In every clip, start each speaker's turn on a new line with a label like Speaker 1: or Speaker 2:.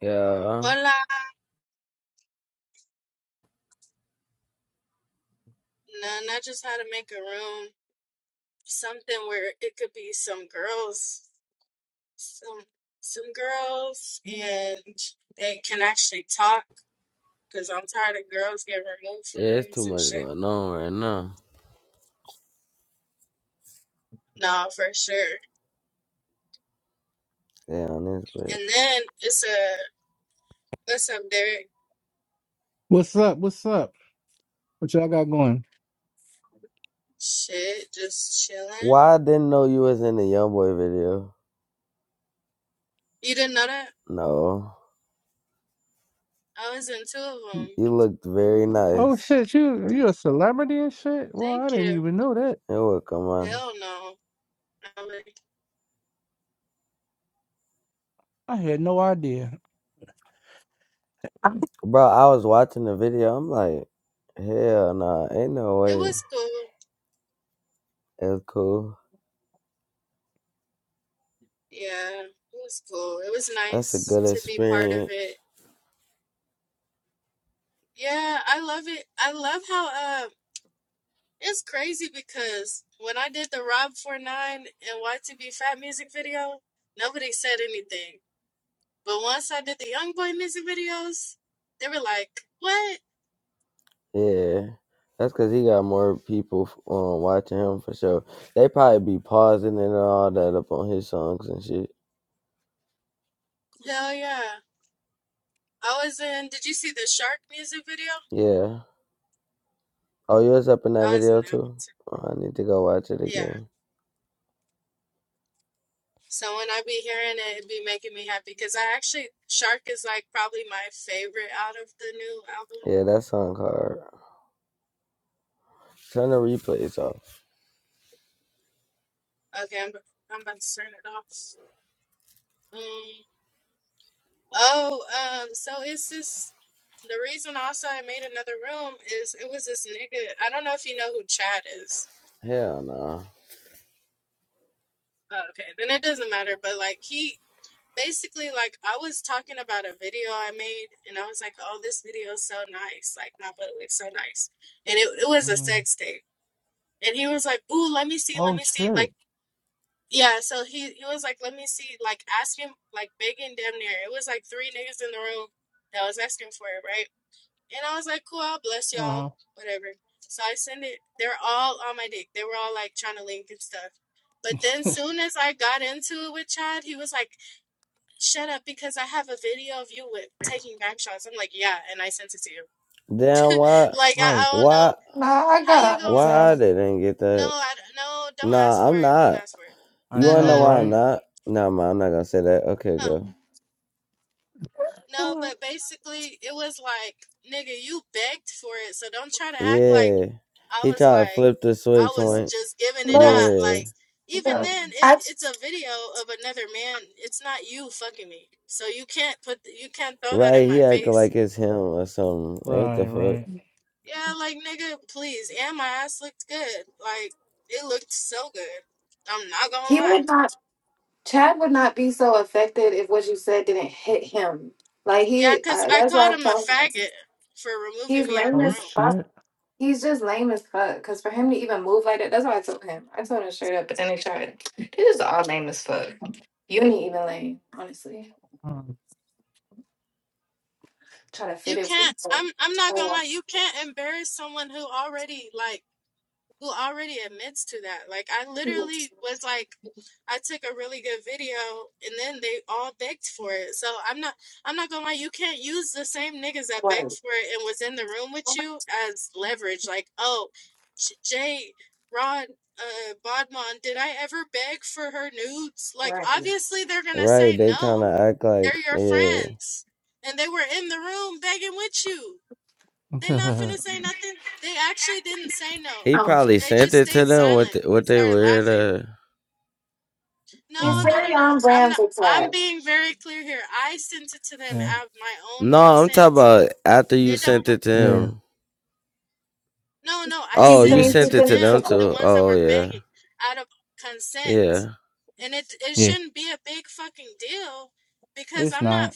Speaker 1: Yeah. Yeah, it's too much going on right now. Yeah, on this
Speaker 2: What's up? What's up? What y'all got going?
Speaker 1: Why I didn't know you was in the YoungBoy video? No, you looked very
Speaker 2: Oh
Speaker 1: nice.
Speaker 2: shit, you you a celebrity and shit? Well, I didn't even know that.
Speaker 1: It would come on,
Speaker 2: I had no idea.
Speaker 1: Bro, I was watching the video. I'm like, hell nah, ain't no way. It's cool. That's a good experience. Yeah, that's cause he got more people um watching him for sure. They probably be pausing and all that up on his songs and shit. Yeah. Oh, you was up in that video too? Oh, I need to go watch it again. Yeah, that song hard. Turn the replays off. Hell no.
Speaker 2: Mm. Oh shit. Uh huh.
Speaker 1: Damn, why?
Speaker 2: Right.
Speaker 1: Why?
Speaker 3: Nah, I got all of
Speaker 1: Why I
Speaker 3: that.
Speaker 1: didn't get that? Nah, I'm not. You
Speaker 2: I
Speaker 1: wanna
Speaker 2: know,
Speaker 1: know why I'm
Speaker 2: right?
Speaker 1: not? Nah, man, I'm not gonna say that. Okay, go.
Speaker 2: Mhm.
Speaker 1: Yeah. He tried to flip the switch one.
Speaker 3: Look,
Speaker 1: Yeah.
Speaker 3: look. I
Speaker 1: Right, he acting like it's him or something. What
Speaker 2: Right,
Speaker 1: the fuck?
Speaker 2: right.
Speaker 3: he would not. Chad would not be so affected if what you said didn't hit him. Like he, I, that's what I'm telling him. He's lame
Speaker 2: Oh
Speaker 3: as fuck.
Speaker 2: shit.
Speaker 3: He's just lame as fuck. Cause for him to even move like that, that's what I told him. I told him straight up. But then they tried. They just all lame as fuck. You ain't even lame, honestly.
Speaker 2: Um,
Speaker 3: Try to fit it with. oh, Right. Right.
Speaker 1: Right, they trying to act like, yeah. He
Speaker 3: Oh,
Speaker 1: probably sent it to them with the, what they weird at.
Speaker 3: it's
Speaker 2: uh,
Speaker 3: very on brand for Chad.
Speaker 2: yeah,
Speaker 1: No, I'm talking about after you sent it to
Speaker 2: yeah,
Speaker 1: him.
Speaker 3: He
Speaker 1: Oh, you
Speaker 2: yeah,
Speaker 3: thinks he
Speaker 1: sent it to
Speaker 3: thinks it's a
Speaker 1: them
Speaker 3: good.
Speaker 1: too. Oh yeah, yeah,
Speaker 2: yeah. It's not.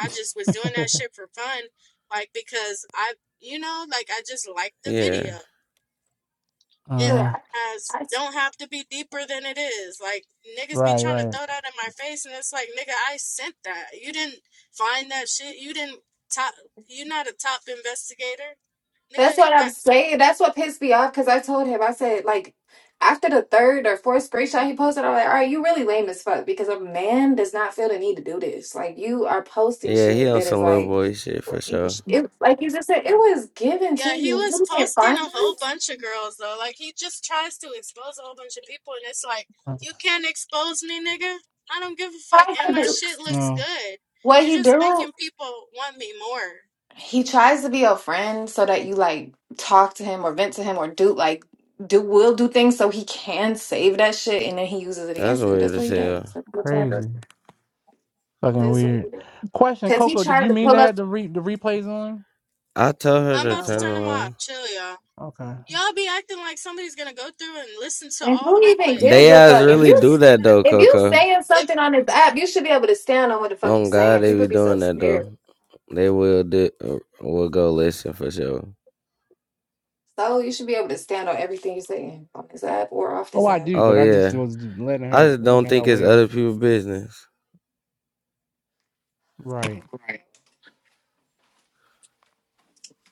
Speaker 1: yeah,
Speaker 3: Look,
Speaker 2: Uh,
Speaker 3: I-
Speaker 2: right, right.
Speaker 3: that's what I'm saying. That's what pissed me off because I told him, I said, like, after the third or fourth screenshot he posted, I'm like, all right, you really lame as fuck because a man does not feel the need to do this. Like, you are posting
Speaker 1: yeah. He
Speaker 3: shit
Speaker 1: on
Speaker 3: that is
Speaker 1: some little
Speaker 3: like,
Speaker 1: boy shit for sure.
Speaker 3: it, like you just said, it was given to you. You can't find it.
Speaker 2: Uh,
Speaker 3: Why you do-
Speaker 2: No,
Speaker 3: What he do? He tries to be a friend so that you like talk to him or vent to him or do like do will do things so he can save that shit and then he uses it
Speaker 1: That's
Speaker 3: against you.
Speaker 1: weird
Speaker 3: That's what
Speaker 1: as
Speaker 3: he does.
Speaker 1: hell.
Speaker 3: That's what he
Speaker 2: crazy,
Speaker 3: does.
Speaker 2: fucking
Speaker 3: That's what
Speaker 2: weird.
Speaker 3: he does.
Speaker 2: Question,
Speaker 3: Cause he
Speaker 2: Coco, did
Speaker 3: tried
Speaker 2: you
Speaker 3: to
Speaker 2: mean to
Speaker 3: pull
Speaker 2: have
Speaker 3: up
Speaker 2: the re- the replays on?
Speaker 1: I told her to turn them
Speaker 3: and
Speaker 1: on.
Speaker 2: Okay.
Speaker 3: who even
Speaker 1: They
Speaker 3: gives a
Speaker 1: guys
Speaker 3: fuck? If
Speaker 1: really
Speaker 3: you
Speaker 1: do that though,
Speaker 3: if you
Speaker 1: Coco.
Speaker 3: saying something on this app, you should be able to stand on what the fuck you
Speaker 1: Oh God,
Speaker 3: saying.
Speaker 1: they
Speaker 3: People
Speaker 1: be
Speaker 3: be so
Speaker 1: doing that though.
Speaker 3: scared.
Speaker 1: They will do. uh, Will go listen for sure.
Speaker 3: So you should be able to stand on everything you're saying on this app or off
Speaker 2: Oh,
Speaker 3: this
Speaker 2: I
Speaker 3: app.
Speaker 2: do,
Speaker 1: Oh
Speaker 2: but I just
Speaker 1: yeah.
Speaker 2: was letting
Speaker 1: I
Speaker 2: her,
Speaker 1: just don't
Speaker 2: making her
Speaker 1: think it's
Speaker 2: aware.
Speaker 1: other people's business.
Speaker 2: Right.
Speaker 3: Right.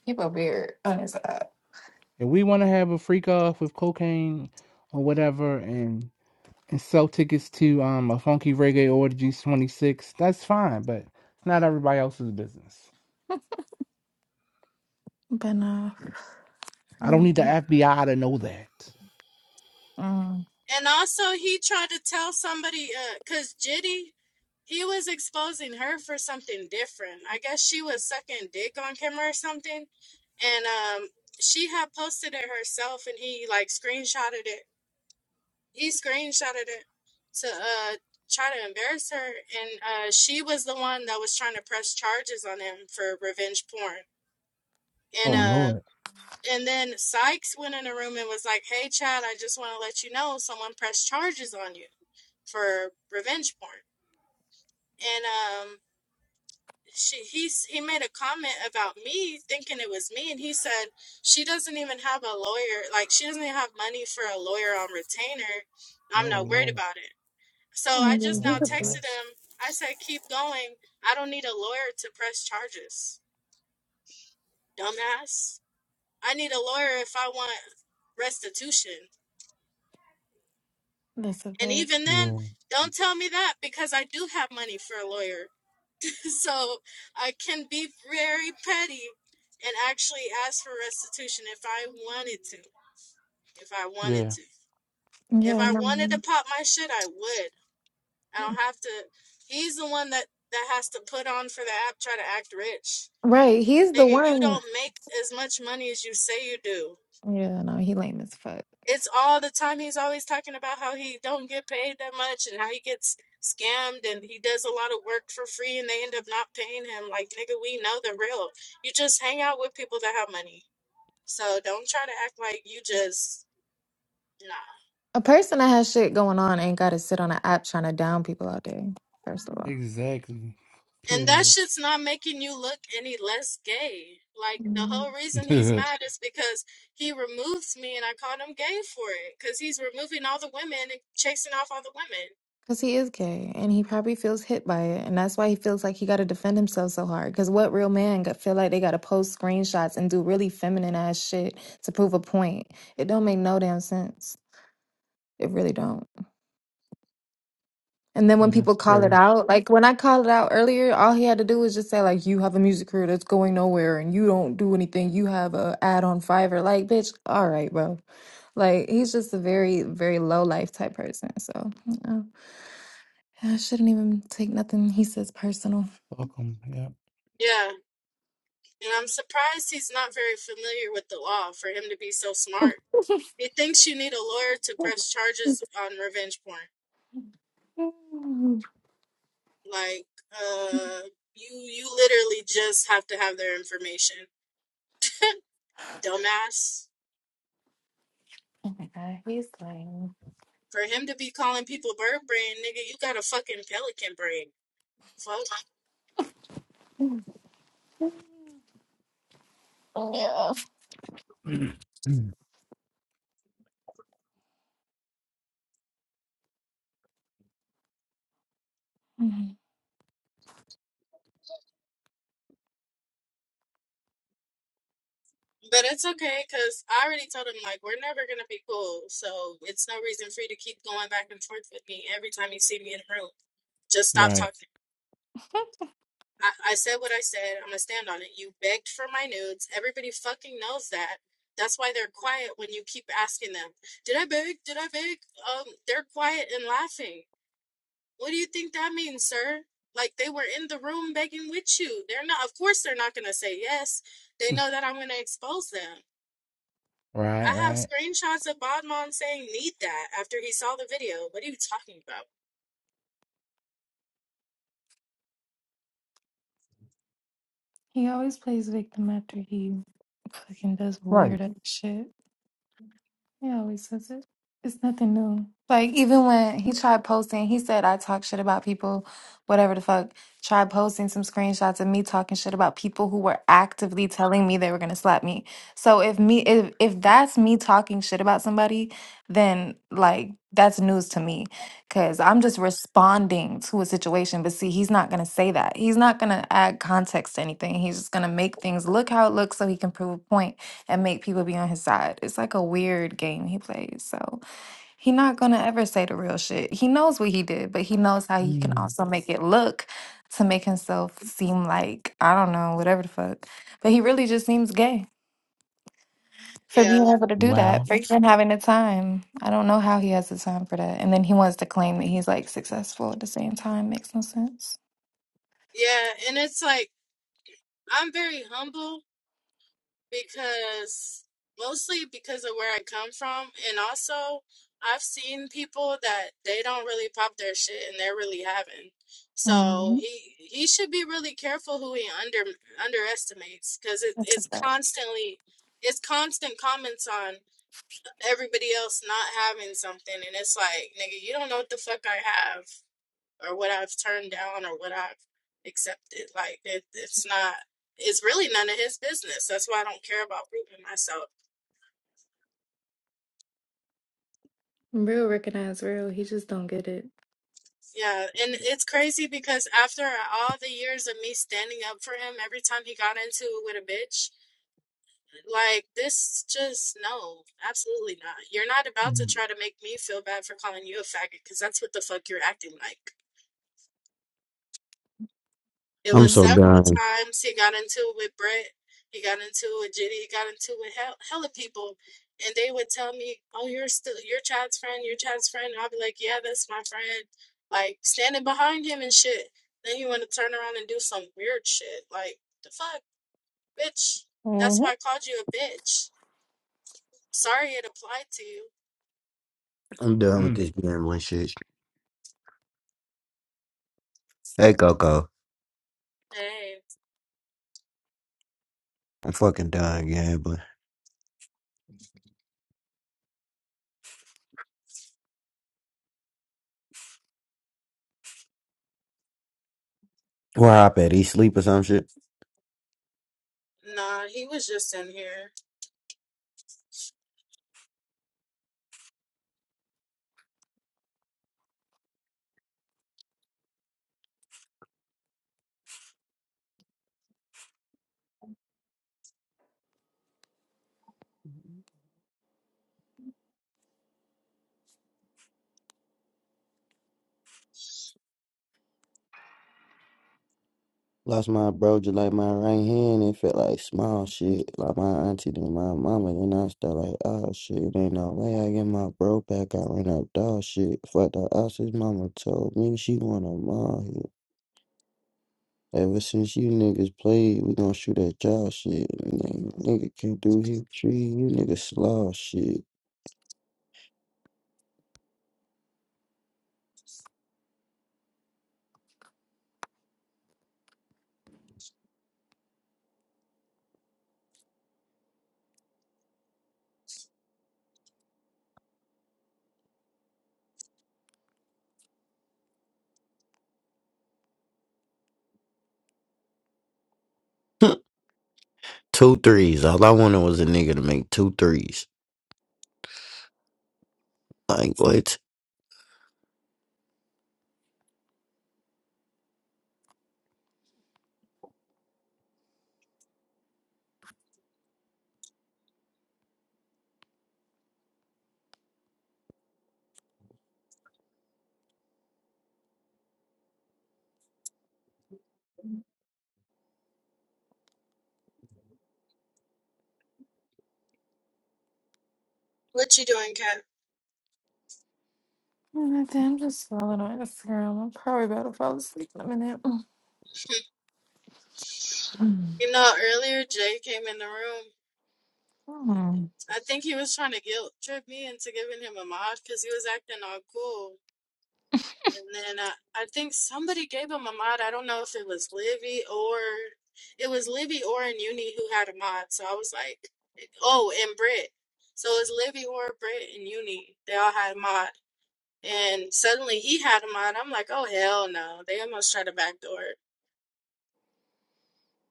Speaker 3: People weird on this app.
Speaker 2: If we want to have a freak off with cocaine or whatever, and and sell tickets to um a funky reggae orgy twenty six, that's fine. But it's not everybody else's business.
Speaker 3: But no.
Speaker 2: I don't
Speaker 3: really,
Speaker 2: need the FBI to know that.
Speaker 3: mm,
Speaker 2: Oh
Speaker 3: mm.
Speaker 2: Lord. Oh Lord.
Speaker 3: Mhm.
Speaker 2: All right.
Speaker 3: That's a fact.
Speaker 2: Yeah. Yeah.
Speaker 3: Yeah, no. Right. He's the one. Yeah, no, he lame as fuck. A person that has shit going on ain't got to sit on an app trying to down people all day, first of all.
Speaker 2: Exactly. Period. yeah,
Speaker 3: Because he is gay and he probably feels hit by it. And that's why he feels like he got to defend himself so hard. Because what real man got, feel like they got to post screenshots and do really feminine ass shit to prove a point? It don't make no damn sense. It really don't. And then when people
Speaker 2: that's
Speaker 3: call it
Speaker 2: trash.
Speaker 3: out, like when I called it out earlier, all he had to do was just say like, "You have a music career that's going nowhere, and you don't do anything. You have a ad on Fiverr." Like, bitch, all right, bro. Like, he's just a very, very low life type person. So you know, I shouldn't even take nothing he says personal.
Speaker 2: Welcome.
Speaker 3: Yeah, he's lame. Yeah.
Speaker 2: Yep.
Speaker 3: Mhm.
Speaker 2: right. Right, right.
Speaker 3: He always plays victim after he fucking does
Speaker 2: Right.
Speaker 3: weird ass shit. He always says it. It's nothing new. Like even when he tried posting, he said I talk shit about people, whatever the fuck. Tried posting some screenshots of me talking shit about people who were actively telling me they were gonna slap me. So if me if if that's me talking shit about somebody, then like that's news to me, cause I'm just responding to a situation. But see, he's not gonna say that. He's not gonna add context to anything. He's just gonna make things look how it looks so he can prove a point and make people be on his side. It's like a weird game he plays. So he not gonna ever say the real shit. He knows what he did, but he knows how he can
Speaker 2: Mm.
Speaker 3: also make it look to make himself seem like I don't know, whatever the fuck. But he really just seems gay for being able to do that,
Speaker 2: Wow.
Speaker 3: for even having the time. I don't know how he has the time for that. And then he wants to claim that he's like successful at the same time. Makes no sense. hmm That's a fact. Real recognize real. He just don't get it.
Speaker 2: Mm.
Speaker 4: I'm
Speaker 3: Yeah.
Speaker 4: so done. I'm done
Speaker 2: Mm.
Speaker 4: with this gambling shit. Hey Coco, I'm fucking done gambling. Where I at? He sleep or some shit? Lost my bro just like my right hand. It felt like small shit. Like my auntie and my mama. And I start like, oh shit, it ain't no way I get my bro back. I ran up dog shit. Fuck the ass his mama told me she wanna mom here. Ever since you niggas played, we gon' shoot at y'all shit. Nigga, nigga can't do hip tree. You niggas slow shit. Two threes. All I wanted was a nigga to make two threes. Like what?
Speaker 3: Nothing, I'm just scrolling on Instagram. I'm probably about to fall asleep in a minute. Mm. Mm.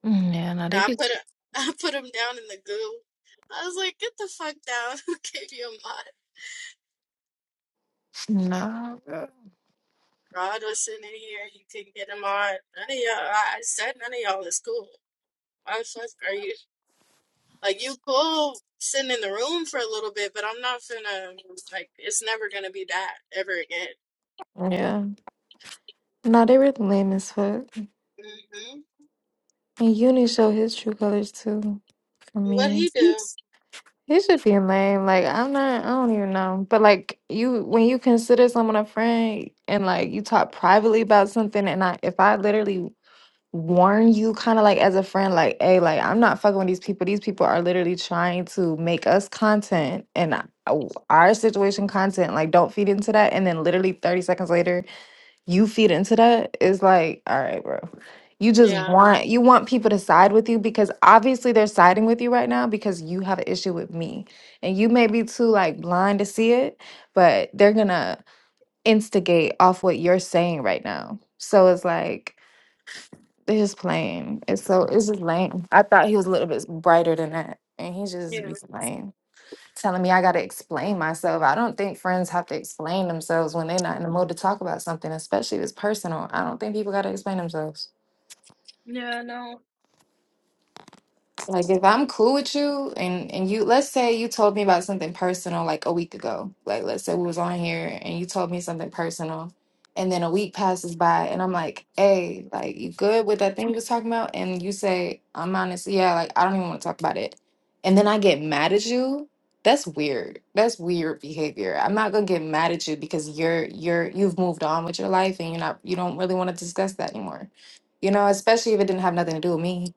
Speaker 3: Yeah, no, they be nah. uh, Yeah, no, they really lame as fuck. And Uni showed his true colors too. For me, he should be lame. Like I'm not. I don't even know. But like you, when you consider someone a friend, and like you talk privately about something, and I, if I literally warn you kind of like as a friend like hey like i'm not fucking with these people these people are literally trying to make us content and I- w- our situation content like don't feed into that and then literally 30 seconds later you feed into that it's like all right bro you just want you want people to side with you because obviously they're siding with you right now because you have an issue with me and you may be too like blind to see it but they're gonna instigate off what you're saying right now so it's like it's are just playing. It's so it's just lame. I thought he was a little bit brighter than that. And he just be lame. Telling me I gotta explain myself. I don't think friends have to explain themselves when they're not in the mood to talk about something, especially if it's personal. I don't think people gotta explain themselves. Like if I'm cool with you and and you let's say you told me about something personal like a week ago. Like let's say we was on here and you told me something personal and then a week passes by and I'm like, "Hey, like you good with that thing you was talking about?" And you say, "I'm honest. Yeah, like I don't even want to talk about it." And then I get mad at you. That's weird. That's weird behavior. I'm not going to get mad at you because you're you're you've moved on with your life and you're not you don't really want to discuss that anymore. You know, especially if it didn't have nothing to do with me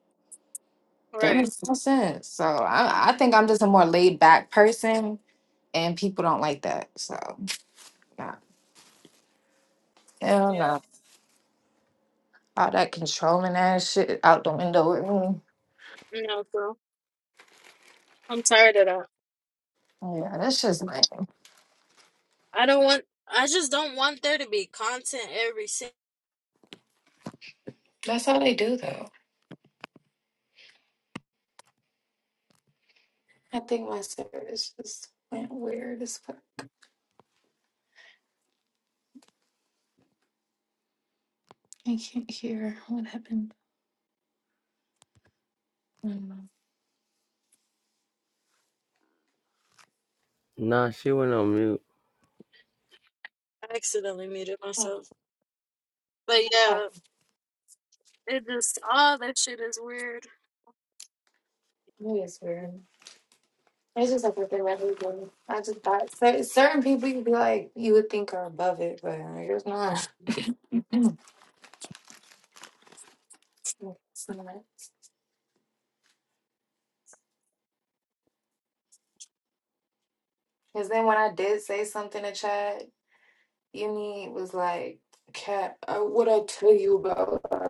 Speaker 3: that makes no sense. So I, I think I'm just a more laid back person, and people don't like that. So nah, hell no, all that controlling ass shit out the window with me. Oh, yeah, that's just lame. That's how they do though. I think my service just went weird as fuck. I can't hear what happened. I don't know.
Speaker 1: Nah, she went on mute.
Speaker 3: Oh, oh, maybe it's weird. It's just like what they let me do. I just thought cer- certain people you'd be like you would think are above it, but there's not. It's not. Because then when I did say something to Chad, Yumi was like, Cat, I, what I tell you about, uh,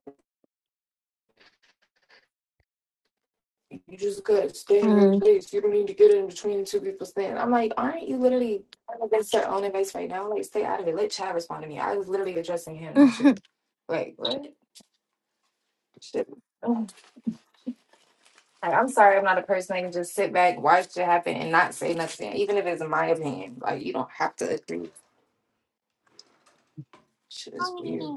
Speaker 3: you just gotta stay in your place. You don't need to get in between two people's things. I'm like, aren't you literally trying to get your own advice right now? Like, stay out of it. Let Chad respond to me. I was literally addressing him, not you. Like, what? Shit. Ugh. Like, I'm sorry, I'm not a person that can just sit back, watch it happen, and not say nothing, even if it's my opinion. Like, you don't have to agree. Shit is weird.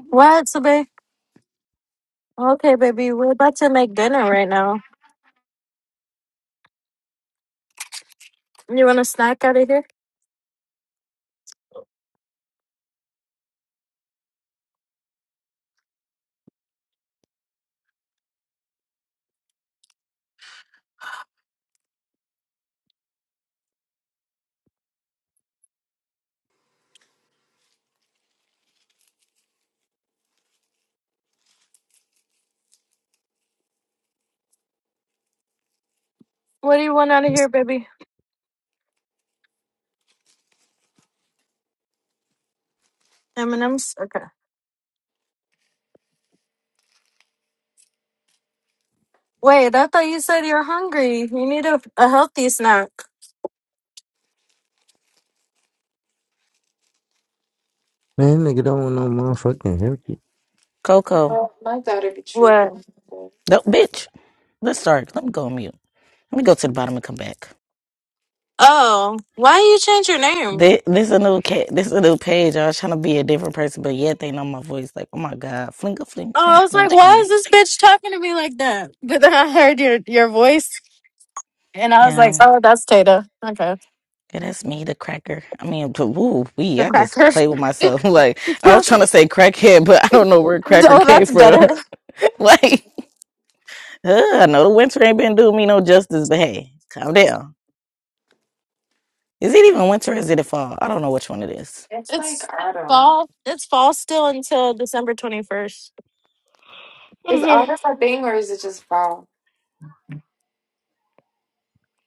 Speaker 4: Man, nigga don't want no motherfucking haircut.
Speaker 5: Coco.
Speaker 3: Well, my daughter be tripping.
Speaker 5: No, bitch. Let's start. Let me go on mute. Let me go to the bottom and come back. This, this a new cat. this a new page. I was trying to be a different person, but yet they know my voice. Like, oh my god, flinga fling fling fling fling. Yeah, yeah, that's me, the cracker. I mean, t- woo wee. I just play with myself. Like I was trying to say crackhead, but I don't know where cracker came from. like, uh, I know the winter ain't been doing me no justice, but hey, calm down. Is it even winter? Or is it a fall? I don't know which one it is.
Speaker 3: It's like autumn. Is autumn a thing or is it just fall?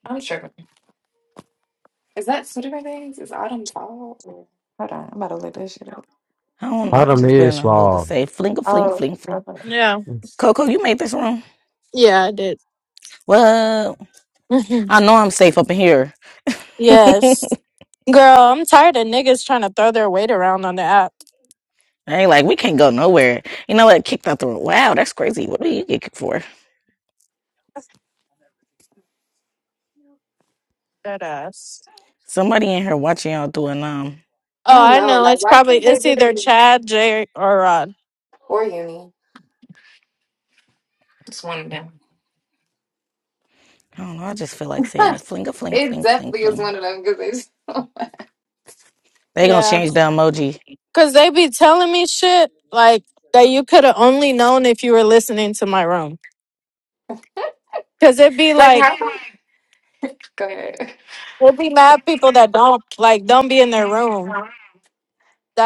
Speaker 3: I'm sure. Is that two different things? Is autumn fall? Or... Hold on, I'm about to look this shit up.
Speaker 5: I don't know. I
Speaker 4: Autumn
Speaker 5: just been in
Speaker 4: is
Speaker 5: the mood to
Speaker 4: small.
Speaker 5: say fling a fling
Speaker 3: Oh,
Speaker 5: fling. fling.
Speaker 3: okay.
Speaker 5: Coco, you made this room. Well, I know I'm safe up in here. I ain't like we can't go nowhere. You know what? Kicked out the room. Wow, that's crazy. What do you get kicked for? Somebody in here watching y'all doing um.
Speaker 3: I know. Like, why can't they do it for uni? It's one of them.
Speaker 5: I don't know. I just feel like saying it. Fling a fling
Speaker 3: it
Speaker 5: fling fling
Speaker 3: definitely is
Speaker 5: fling.
Speaker 3: one of them because
Speaker 5: They
Speaker 3: they
Speaker 5: gonna
Speaker 3: just
Speaker 5: change the emoji.
Speaker 3: like, like how? come- Go ahead.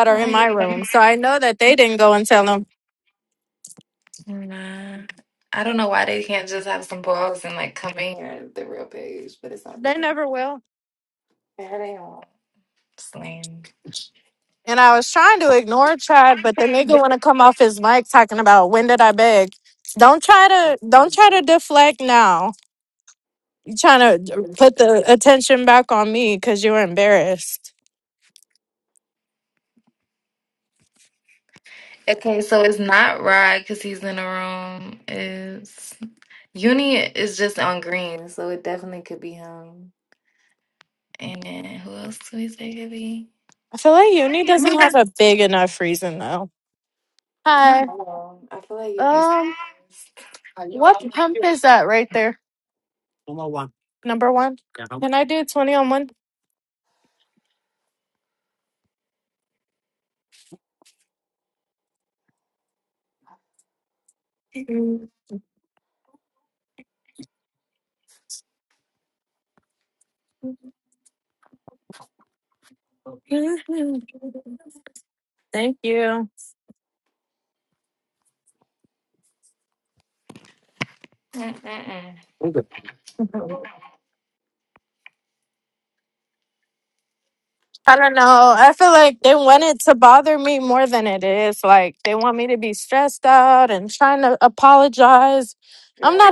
Speaker 3: I hate them. Nah. I don't know why they can't just have some balls and like come in here the real page, but it's not the real. There they are. Slang. Okay, so it's not Rod because he's in the room. It's Uni is just on green, so it definitely could be him. And then who else do we say could be? I don't know. I feel like it'd be. Mm, mm, mm. Yeah,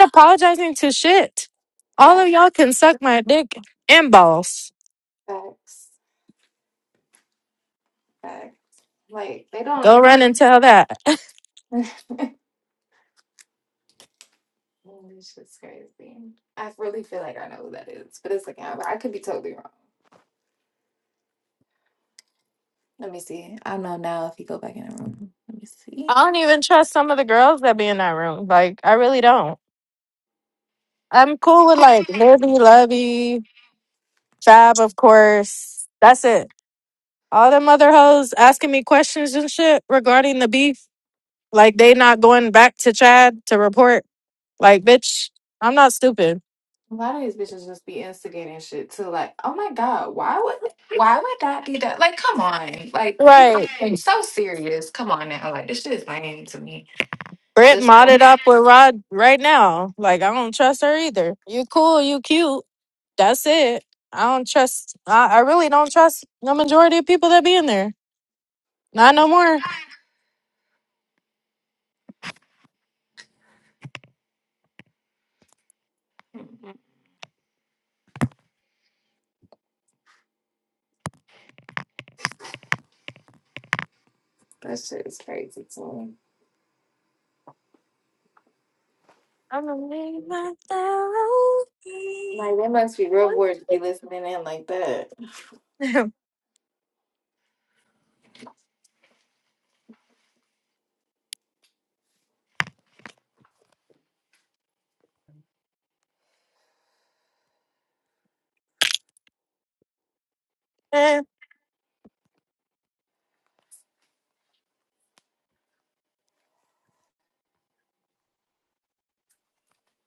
Speaker 3: facts, facts, facts. Like they don't. Yes. This is crazy. I really feel like I know who that is, but it's like I I could be totally wrong. Let me see. I don't know now if you go back in the room. Let me see. A lot of these bitches just be instigating shit too. Like, oh my god, why would why would that be done? Like, come on, like people are so serious. Come on now, like this shit is lame to me. Just like, Mhm. that shit is crazy to me. Like, they must be real bored to be listening in like that.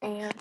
Speaker 3: And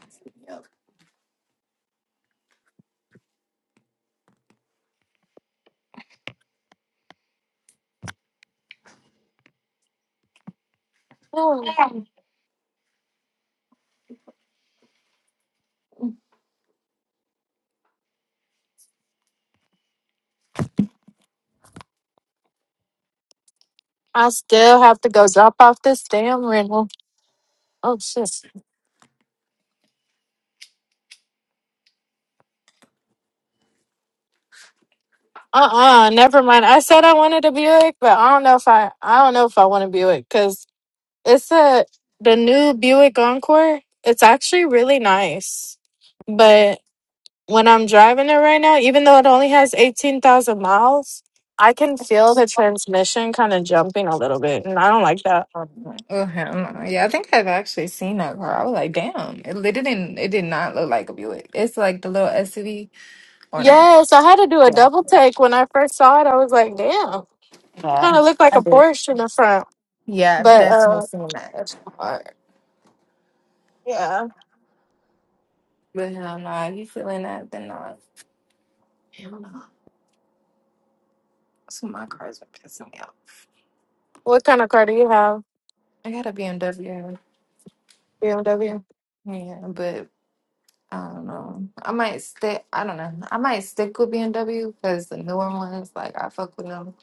Speaker 3: Oh, hell no. Yeah, I think I've actually seen that car. I was like, damn, it, it didn't. It did not look like a Buick. It's like the little SUV, or no? Yeah, yeah. I did. Yeah, I've definitely seen that. It's hard. But hell no, if you feeling that, then no. Hell no. So my cars are pissing me off. I got a BMW. Yeah, but I don't know. I might stick. I don't know. I might stick with BMW because the newer ones, like I fuck with them.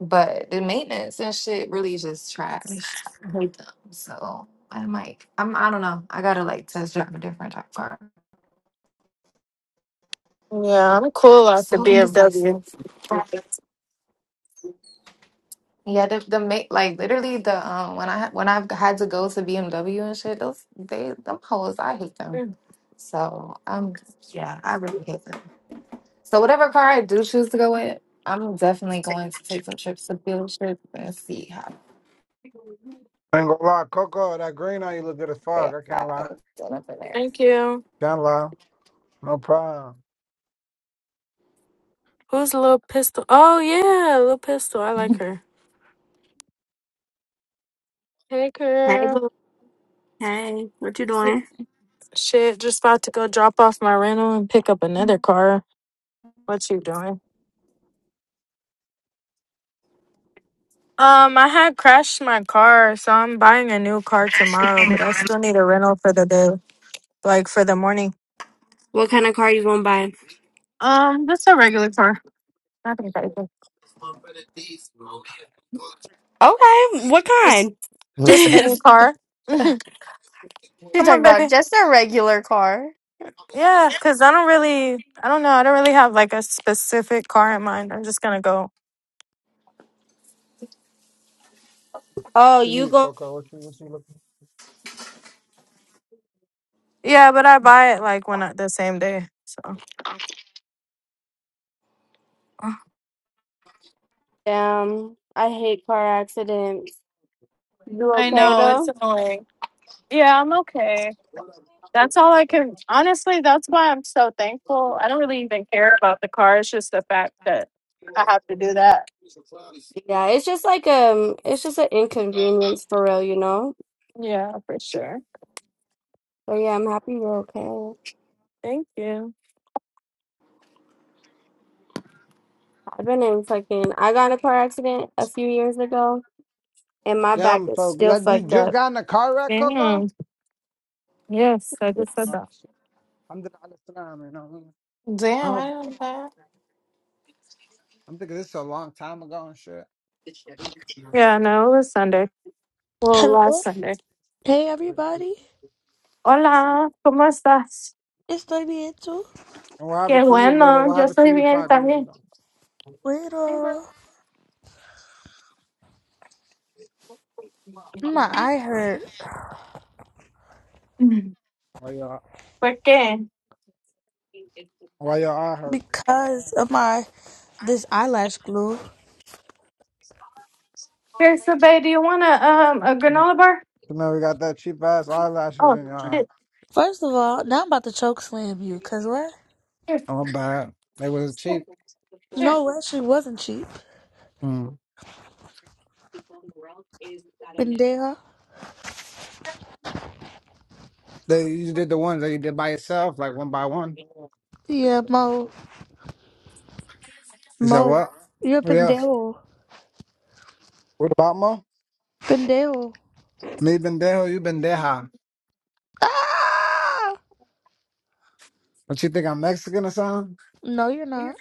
Speaker 3: But the maintenance and shit really just trash. I hate them. So I might. I'm. I don't know. I gotta like test drive a different type car. But I'm so indecisive. Yeah, the the ma like literally the um when I when I've had to go to BMW and shit, those they them hoes, I hate them. So um yeah, I really hate them. So whatever car I do choose to go in, I'm definitely going to take some trips to dealerships and see how
Speaker 6: I ain't gonna lie, Coco, that green eye you look good as fuck.
Speaker 3: bad
Speaker 6: I can't
Speaker 3: I
Speaker 6: lie.
Speaker 3: done up in there.
Speaker 6: Can't lie. No problem.
Speaker 7: Hey, boo. Hey, what you
Speaker 3: It's like,
Speaker 7: doing? What kind of car you gonna buy? Okay, what kind? Just She talking about just a regular car. oh,
Speaker 6: What you
Speaker 7: you
Speaker 6: need,
Speaker 7: go
Speaker 6: Coco? What you, what you look?
Speaker 7: down. I hate car accidents. You okay though? Yeah, it's just like um, it's just an inconvenience for real, you know. So yeah, I'm happy you're okay. I've been in fucking. I got in a car accident a few years ago, and my back
Speaker 6: Damn,
Speaker 7: is
Speaker 6: so you,
Speaker 7: still
Speaker 6: you
Speaker 7: fucked
Speaker 6: just
Speaker 7: up.
Speaker 6: got in a car wreck, Coco? Oh, shit. I'm the Alessandro, you know.
Speaker 3: Damn, I didn't know
Speaker 6: I'm thinking this is a long time ago and shit.
Speaker 8: Hello. Hey
Speaker 6: And
Speaker 8: everybody. It's Daniel.
Speaker 6: what happened to you, little? What happened to you five years ago?
Speaker 3: that.
Speaker 8: Bueno. My eye hurt
Speaker 6: Why your why your eye hurt?
Speaker 8: because of my this eyelash glue.
Speaker 6: You know we got that cheap ass eyelashes in your eye.
Speaker 8: First of all, now I'm about to choke slam you, cause what?
Speaker 6: Oh, my bad. They was cheap.
Speaker 8: No, it actually wasn't cheap.
Speaker 6: Mm.
Speaker 8: Pendejo.
Speaker 6: They you did the ones that you did by yourself, like one by one.
Speaker 8: Yeah, mo
Speaker 6: You said
Speaker 8: mo.
Speaker 6: what?
Speaker 8: You're a
Speaker 6: Yeah.
Speaker 8: pendejo.
Speaker 6: What about ma?
Speaker 8: Pendejo.
Speaker 6: Me bendejo, you bendeja.
Speaker 8: Ah!
Speaker 6: Don't you think I'm Mexican or something?
Speaker 8: No, you're not.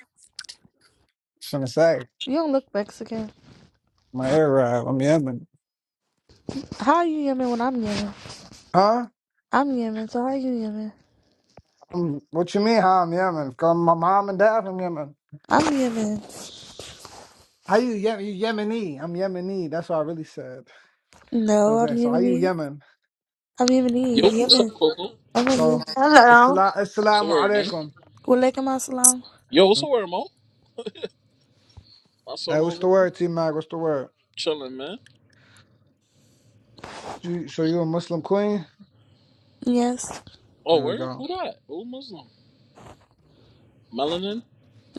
Speaker 6: Shouldn't say.
Speaker 8: You don't look Mexican.
Speaker 6: My Arab, I'm Yemen.
Speaker 8: How are you Yemen when I'm Yemen?
Speaker 6: Huh?
Speaker 8: I'm Yemen, so how are you Yemen?
Speaker 6: Um, what you mean, huh? I'm Yemen. Come, my mom and dad from Yemen.
Speaker 8: I'm Yemen.
Speaker 6: How you Yemen? You Yemeni? I'm Yemeni. That's what I really said. So I'm
Speaker 8: No, I'm
Speaker 6: saying, so how you
Speaker 8: Yemeni.
Speaker 6: Yemen?
Speaker 8: I'm
Speaker 9: Yo,
Speaker 8: Yemeni.
Speaker 9: what's up,
Speaker 8: Yemen.
Speaker 9: Coco?
Speaker 8: Okay,
Speaker 6: So,
Speaker 8: yeah.
Speaker 6: assala-
Speaker 9: So
Speaker 6: assalamu
Speaker 9: where word, gang?
Speaker 6: alaikum.
Speaker 8: Walaikum assalam.
Speaker 9: Yo, what's the word, Mo? My
Speaker 6: Hey,
Speaker 9: son
Speaker 6: what's
Speaker 9: over
Speaker 6: the
Speaker 9: there,
Speaker 6: word, T Mac? What's the word?
Speaker 9: chilling, man.
Speaker 6: You, so you a Muslim queen?
Speaker 8: Yes.
Speaker 9: Oh,
Speaker 6: There we
Speaker 9: where? Who
Speaker 6: go.
Speaker 9: that? Who Muslim? Melanin?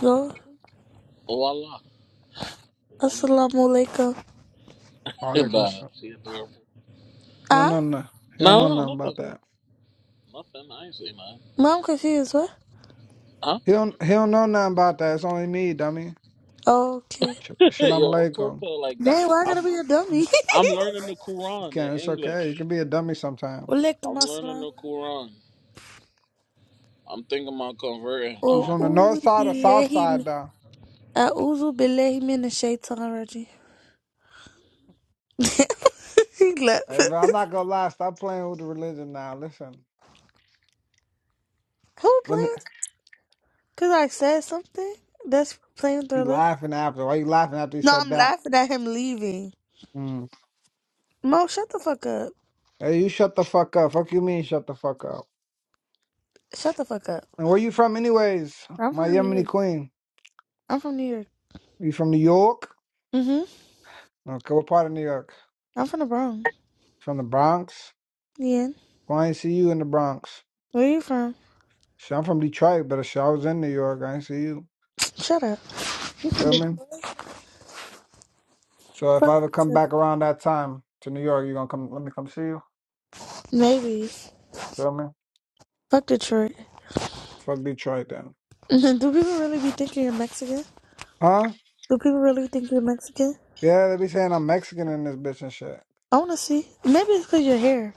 Speaker 8: Go.
Speaker 9: Oh, Allah. Wallah.
Speaker 8: Assalamu alaikum.
Speaker 6: Wa
Speaker 9: Hey,
Speaker 6: Alaikum.
Speaker 9: bye.
Speaker 6: salam.
Speaker 9: See you, bro.
Speaker 6: He don't
Speaker 8: Ah?
Speaker 6: know nothing. He don't
Speaker 9: No,
Speaker 6: know
Speaker 9: no,
Speaker 6: nothing
Speaker 9: nothing.
Speaker 6: about that.
Speaker 9: Nothing. I ain't say nothing.
Speaker 8: Mom confused, what?
Speaker 9: Huh?
Speaker 6: He don't. He don't know nothing about that. It's only me, dummy.
Speaker 8: Okay.
Speaker 6: Sh- Shalom
Speaker 9: Yo, I'm talking
Speaker 6: Aleichem.
Speaker 9: to her like that.
Speaker 8: Dang, why I gotta
Speaker 9: I'm
Speaker 8: be a dummy?
Speaker 9: I'm learning the Quran in
Speaker 6: Okay, it's okay. You
Speaker 9: English.
Speaker 6: can be a dummy sometimes.
Speaker 8: Walaikum
Speaker 9: I'm learning
Speaker 8: assalam.
Speaker 9: the Quran. I'm thinking about converting.
Speaker 6: You
Speaker 8: Oh,
Speaker 6: from
Speaker 9: Um,
Speaker 6: the
Speaker 8: ooh,
Speaker 6: north side or south
Speaker 8: billahi
Speaker 6: side
Speaker 8: min-
Speaker 6: though?
Speaker 8: A'udhu billahi min shaitan already. he left.
Speaker 6: Hey, bro, I'm not gonna lie. Stop playing with the religion now. Listen,
Speaker 8: Who
Speaker 6: let me.
Speaker 8: playing? Cause I said something? That's playing
Speaker 6: You
Speaker 8: thriller?
Speaker 6: laughing after? Why you laughing after you
Speaker 8: No,
Speaker 6: said
Speaker 8: I'm
Speaker 6: that?
Speaker 8: laughing at him leaving.
Speaker 6: Mm.
Speaker 8: Mo, shut the fuck up.
Speaker 6: Hey, you shut the fuck up. Fuck you mean shut the fuck up?
Speaker 8: Shut the fuck up.
Speaker 6: And where you from, anyways?
Speaker 8: I'm
Speaker 6: My
Speaker 8: from New
Speaker 6: Yemeni
Speaker 8: York.
Speaker 6: queen.
Speaker 8: I'm from New York.
Speaker 6: You from New York?
Speaker 8: Mm-hmm.
Speaker 6: Okay, what part of New York?
Speaker 8: I'm from the Bronx.
Speaker 6: From the Bronx.
Speaker 8: Yeah.
Speaker 6: Well, I ain't see you in the Bronx.
Speaker 8: Where you from?
Speaker 6: Shit, I'm from Detroit, but shit, I was in New York. I ain't see you.
Speaker 8: Shut up. You from
Speaker 6: Feel
Speaker 8: Det-
Speaker 6: me? So if
Speaker 8: Fuck
Speaker 6: I ever come
Speaker 8: Detroit.
Speaker 6: back around that time to New York, you gonna come? Let me come see you.
Speaker 8: Maybe.
Speaker 6: Feel me?
Speaker 8: Fuck Detroit.
Speaker 6: Fuck Detroit then.
Speaker 8: Do people really be thinking you're Mexican?
Speaker 6: Huh?
Speaker 8: Do people really think you're Mexican?
Speaker 6: Yeah, they be saying I'm Mexican in this bitch and shit.
Speaker 8: I wanna see. Maybe it's because your hair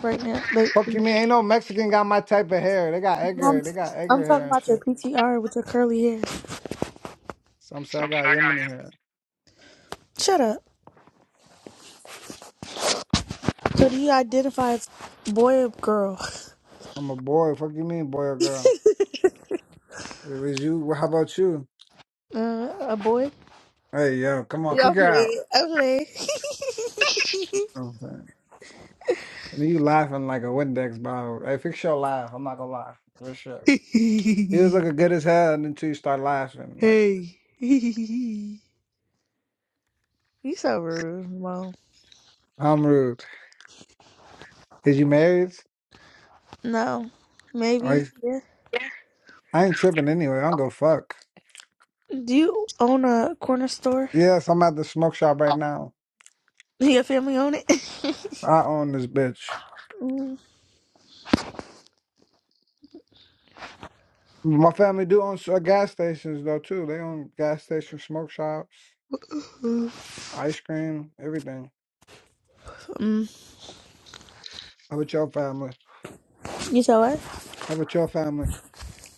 Speaker 8: right now. Like,
Speaker 6: Fuck you, mean ain't no Mexican got my type of hair. They got Edgar.
Speaker 8: I'm,
Speaker 6: They got
Speaker 8: I'm
Speaker 6: Edgar
Speaker 8: talking
Speaker 6: hair and
Speaker 8: about your
Speaker 6: shit.
Speaker 8: PTR with your curly hair.
Speaker 6: Some say I got Yemeni hair.
Speaker 8: Shut up. So do you identify as boy or girl?
Speaker 6: I'm a boy. Fuck you, mean boy or girl? If it was you, well, how about you?
Speaker 8: Uh, a boy?
Speaker 6: Hey yo, come on,
Speaker 8: Yeah, I
Speaker 6: kick her out.
Speaker 8: play. I
Speaker 6: You I'm saying? And you laughing like a Windex bottle. Hey, fix your laugh. I'm not gonna lie. For sure. You was
Speaker 8: play.
Speaker 6: looking good as hell until you start laughing. Like
Speaker 8: hey. you so rude, Mom.
Speaker 6: I'm rude. Is you married?
Speaker 8: No.
Speaker 6: I
Speaker 8: Maybe. Yeah.
Speaker 6: I ain't tripping anyway. I don't go fuck.
Speaker 8: Do you own a corner store?
Speaker 6: Yes, I'm at the smoke shop right now.
Speaker 8: your family own it?
Speaker 6: I own this bitch.
Speaker 8: mm.
Speaker 6: My family do own s- uh, gas stations though too. They own gas stations, smoke shops, ice cream, everything.
Speaker 8: Mm.
Speaker 6: How about your family?
Speaker 8: You saw what?
Speaker 6: How about your family?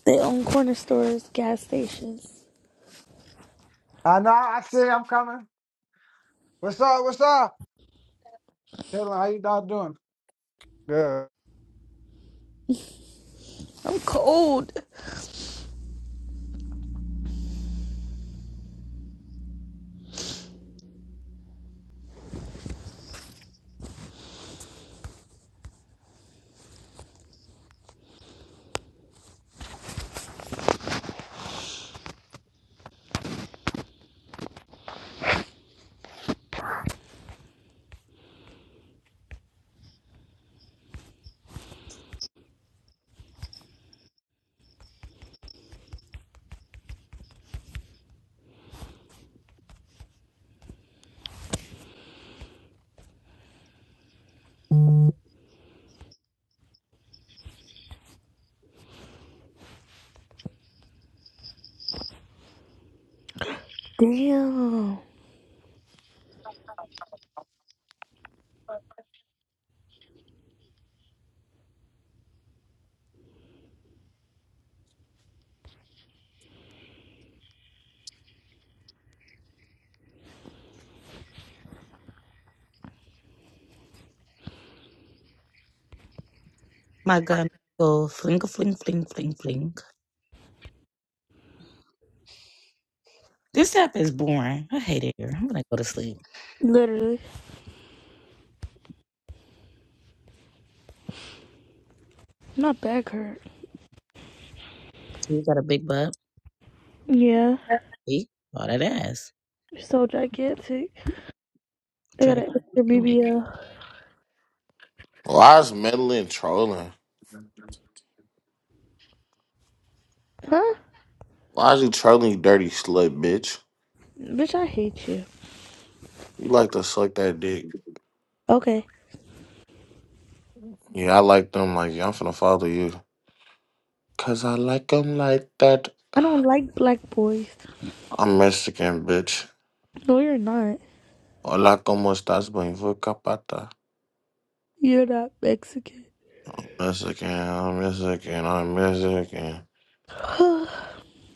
Speaker 8: They own corner stores, gas stations.
Speaker 6: I know. I see. I'm coming. What's up? What's up? Taylor, how you all doing? Good.
Speaker 8: I'm cold. Damn.
Speaker 5: My God, go fling a fling fling fling fling. This app is boring. I hate it here. I'm gonna go to sleep.
Speaker 8: Literally. My back hurt.
Speaker 5: You got a big butt,
Speaker 8: Yeah.
Speaker 5: See all that ass.
Speaker 8: You're so gigantic. They
Speaker 5: Drag
Speaker 8: got an extra
Speaker 5: it away.
Speaker 8: BBL.
Speaker 10: Why is meddling trolling?
Speaker 8: Huh?
Speaker 10: Why is you trolling, you dirty slut, bitch?
Speaker 8: Bitch, I hate you.
Speaker 10: You like to suck that dick.
Speaker 8: Okay.
Speaker 10: Yeah, I like them like, yeah, I'm finna follow you. Cause I like them like that.
Speaker 8: I don't like black boys.
Speaker 10: I'm Mexican, bitch.
Speaker 8: No, you're not.
Speaker 10: Hola, como estás? Bonjour, capata.
Speaker 8: You're not Mexican.
Speaker 10: I'm Mexican, I'm Mexican, I'm Mexican.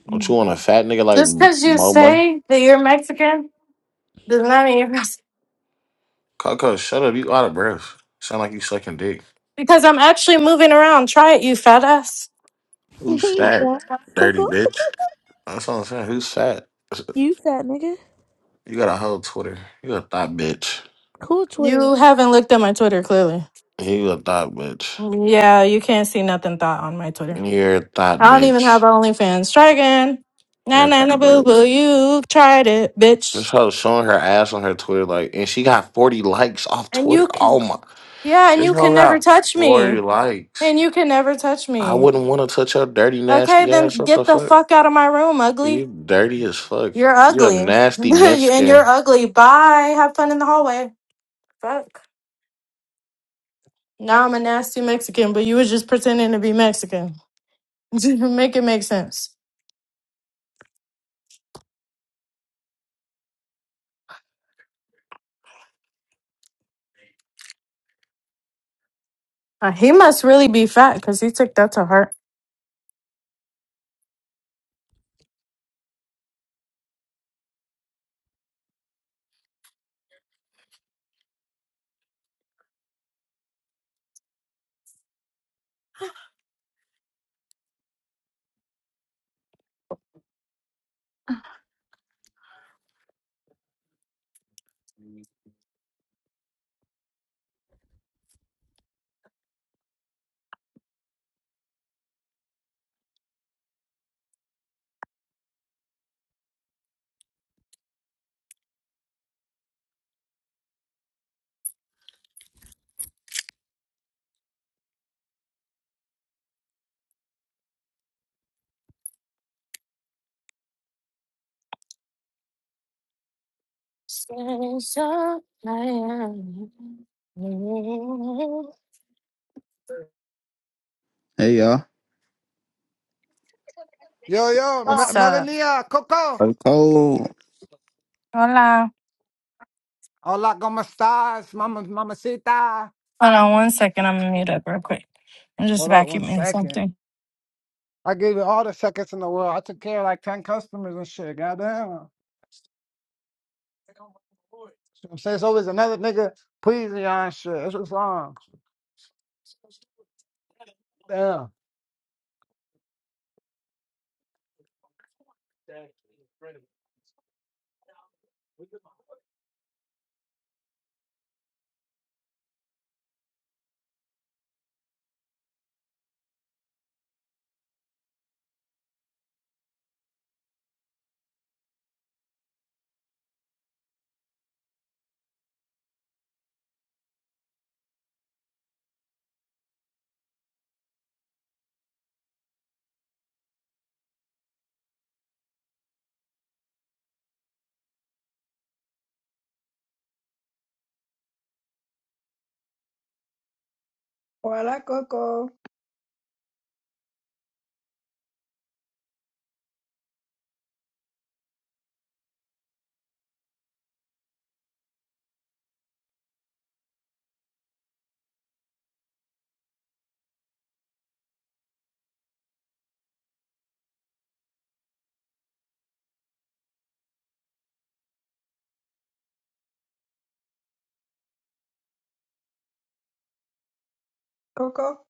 Speaker 10: Don't you want a fat nigga like Mo Money? Coco, shut up. You out of breath. Sound like you sucking dick. Who's
Speaker 8: you
Speaker 10: fat?
Speaker 8: fat,
Speaker 10: Dirty
Speaker 8: Coco.
Speaker 10: bitch. That's what I'm saying. Who's fat?
Speaker 8: You fat nigga.
Speaker 10: You got a whole Twitter. You a thought bitch.
Speaker 8: Cool Twitter
Speaker 10: He was a thought bitch. You're a thought bitch. You're a thought bitch. This hoe showing her ass on her Twitter, like, and she got 40 likes off Twitter. Oh my. This hoe got 40 likes. I wouldn't want to touch your dirty, nasty ass. What the fuck? You dirty as fuck. You're a nasty Mexican.
Speaker 11: Hey y'all,
Speaker 6: Yo, yo, Me- Melania, Coco.
Speaker 11: I'm cold.
Speaker 6: Hola, como estas, mama, mamacita? Hold up one second. I gave you all the seconds in the world. I took care of like 10 customers and shit. Goddamn. You know what I'm saying? So It's always another nigga pleasing y'all and shit. It's what's wrong. Damn.
Speaker 12: Hola, Coco. Coco?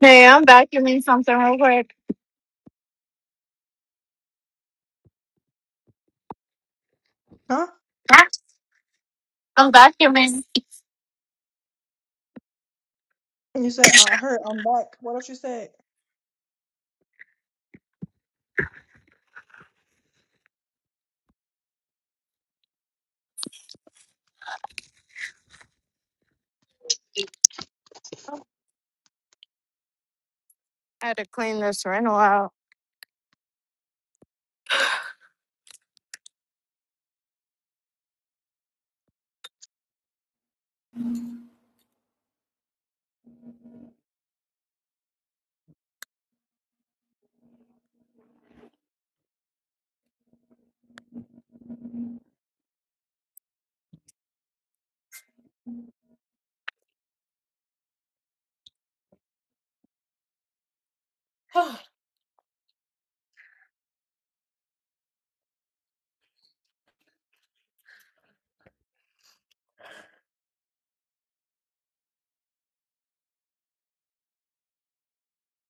Speaker 13: Hey, I'm vacuuming something real quick.
Speaker 12: Huh?
Speaker 13: I'm vacuuming.
Speaker 12: And You said, I heard, I'm back. What else you said?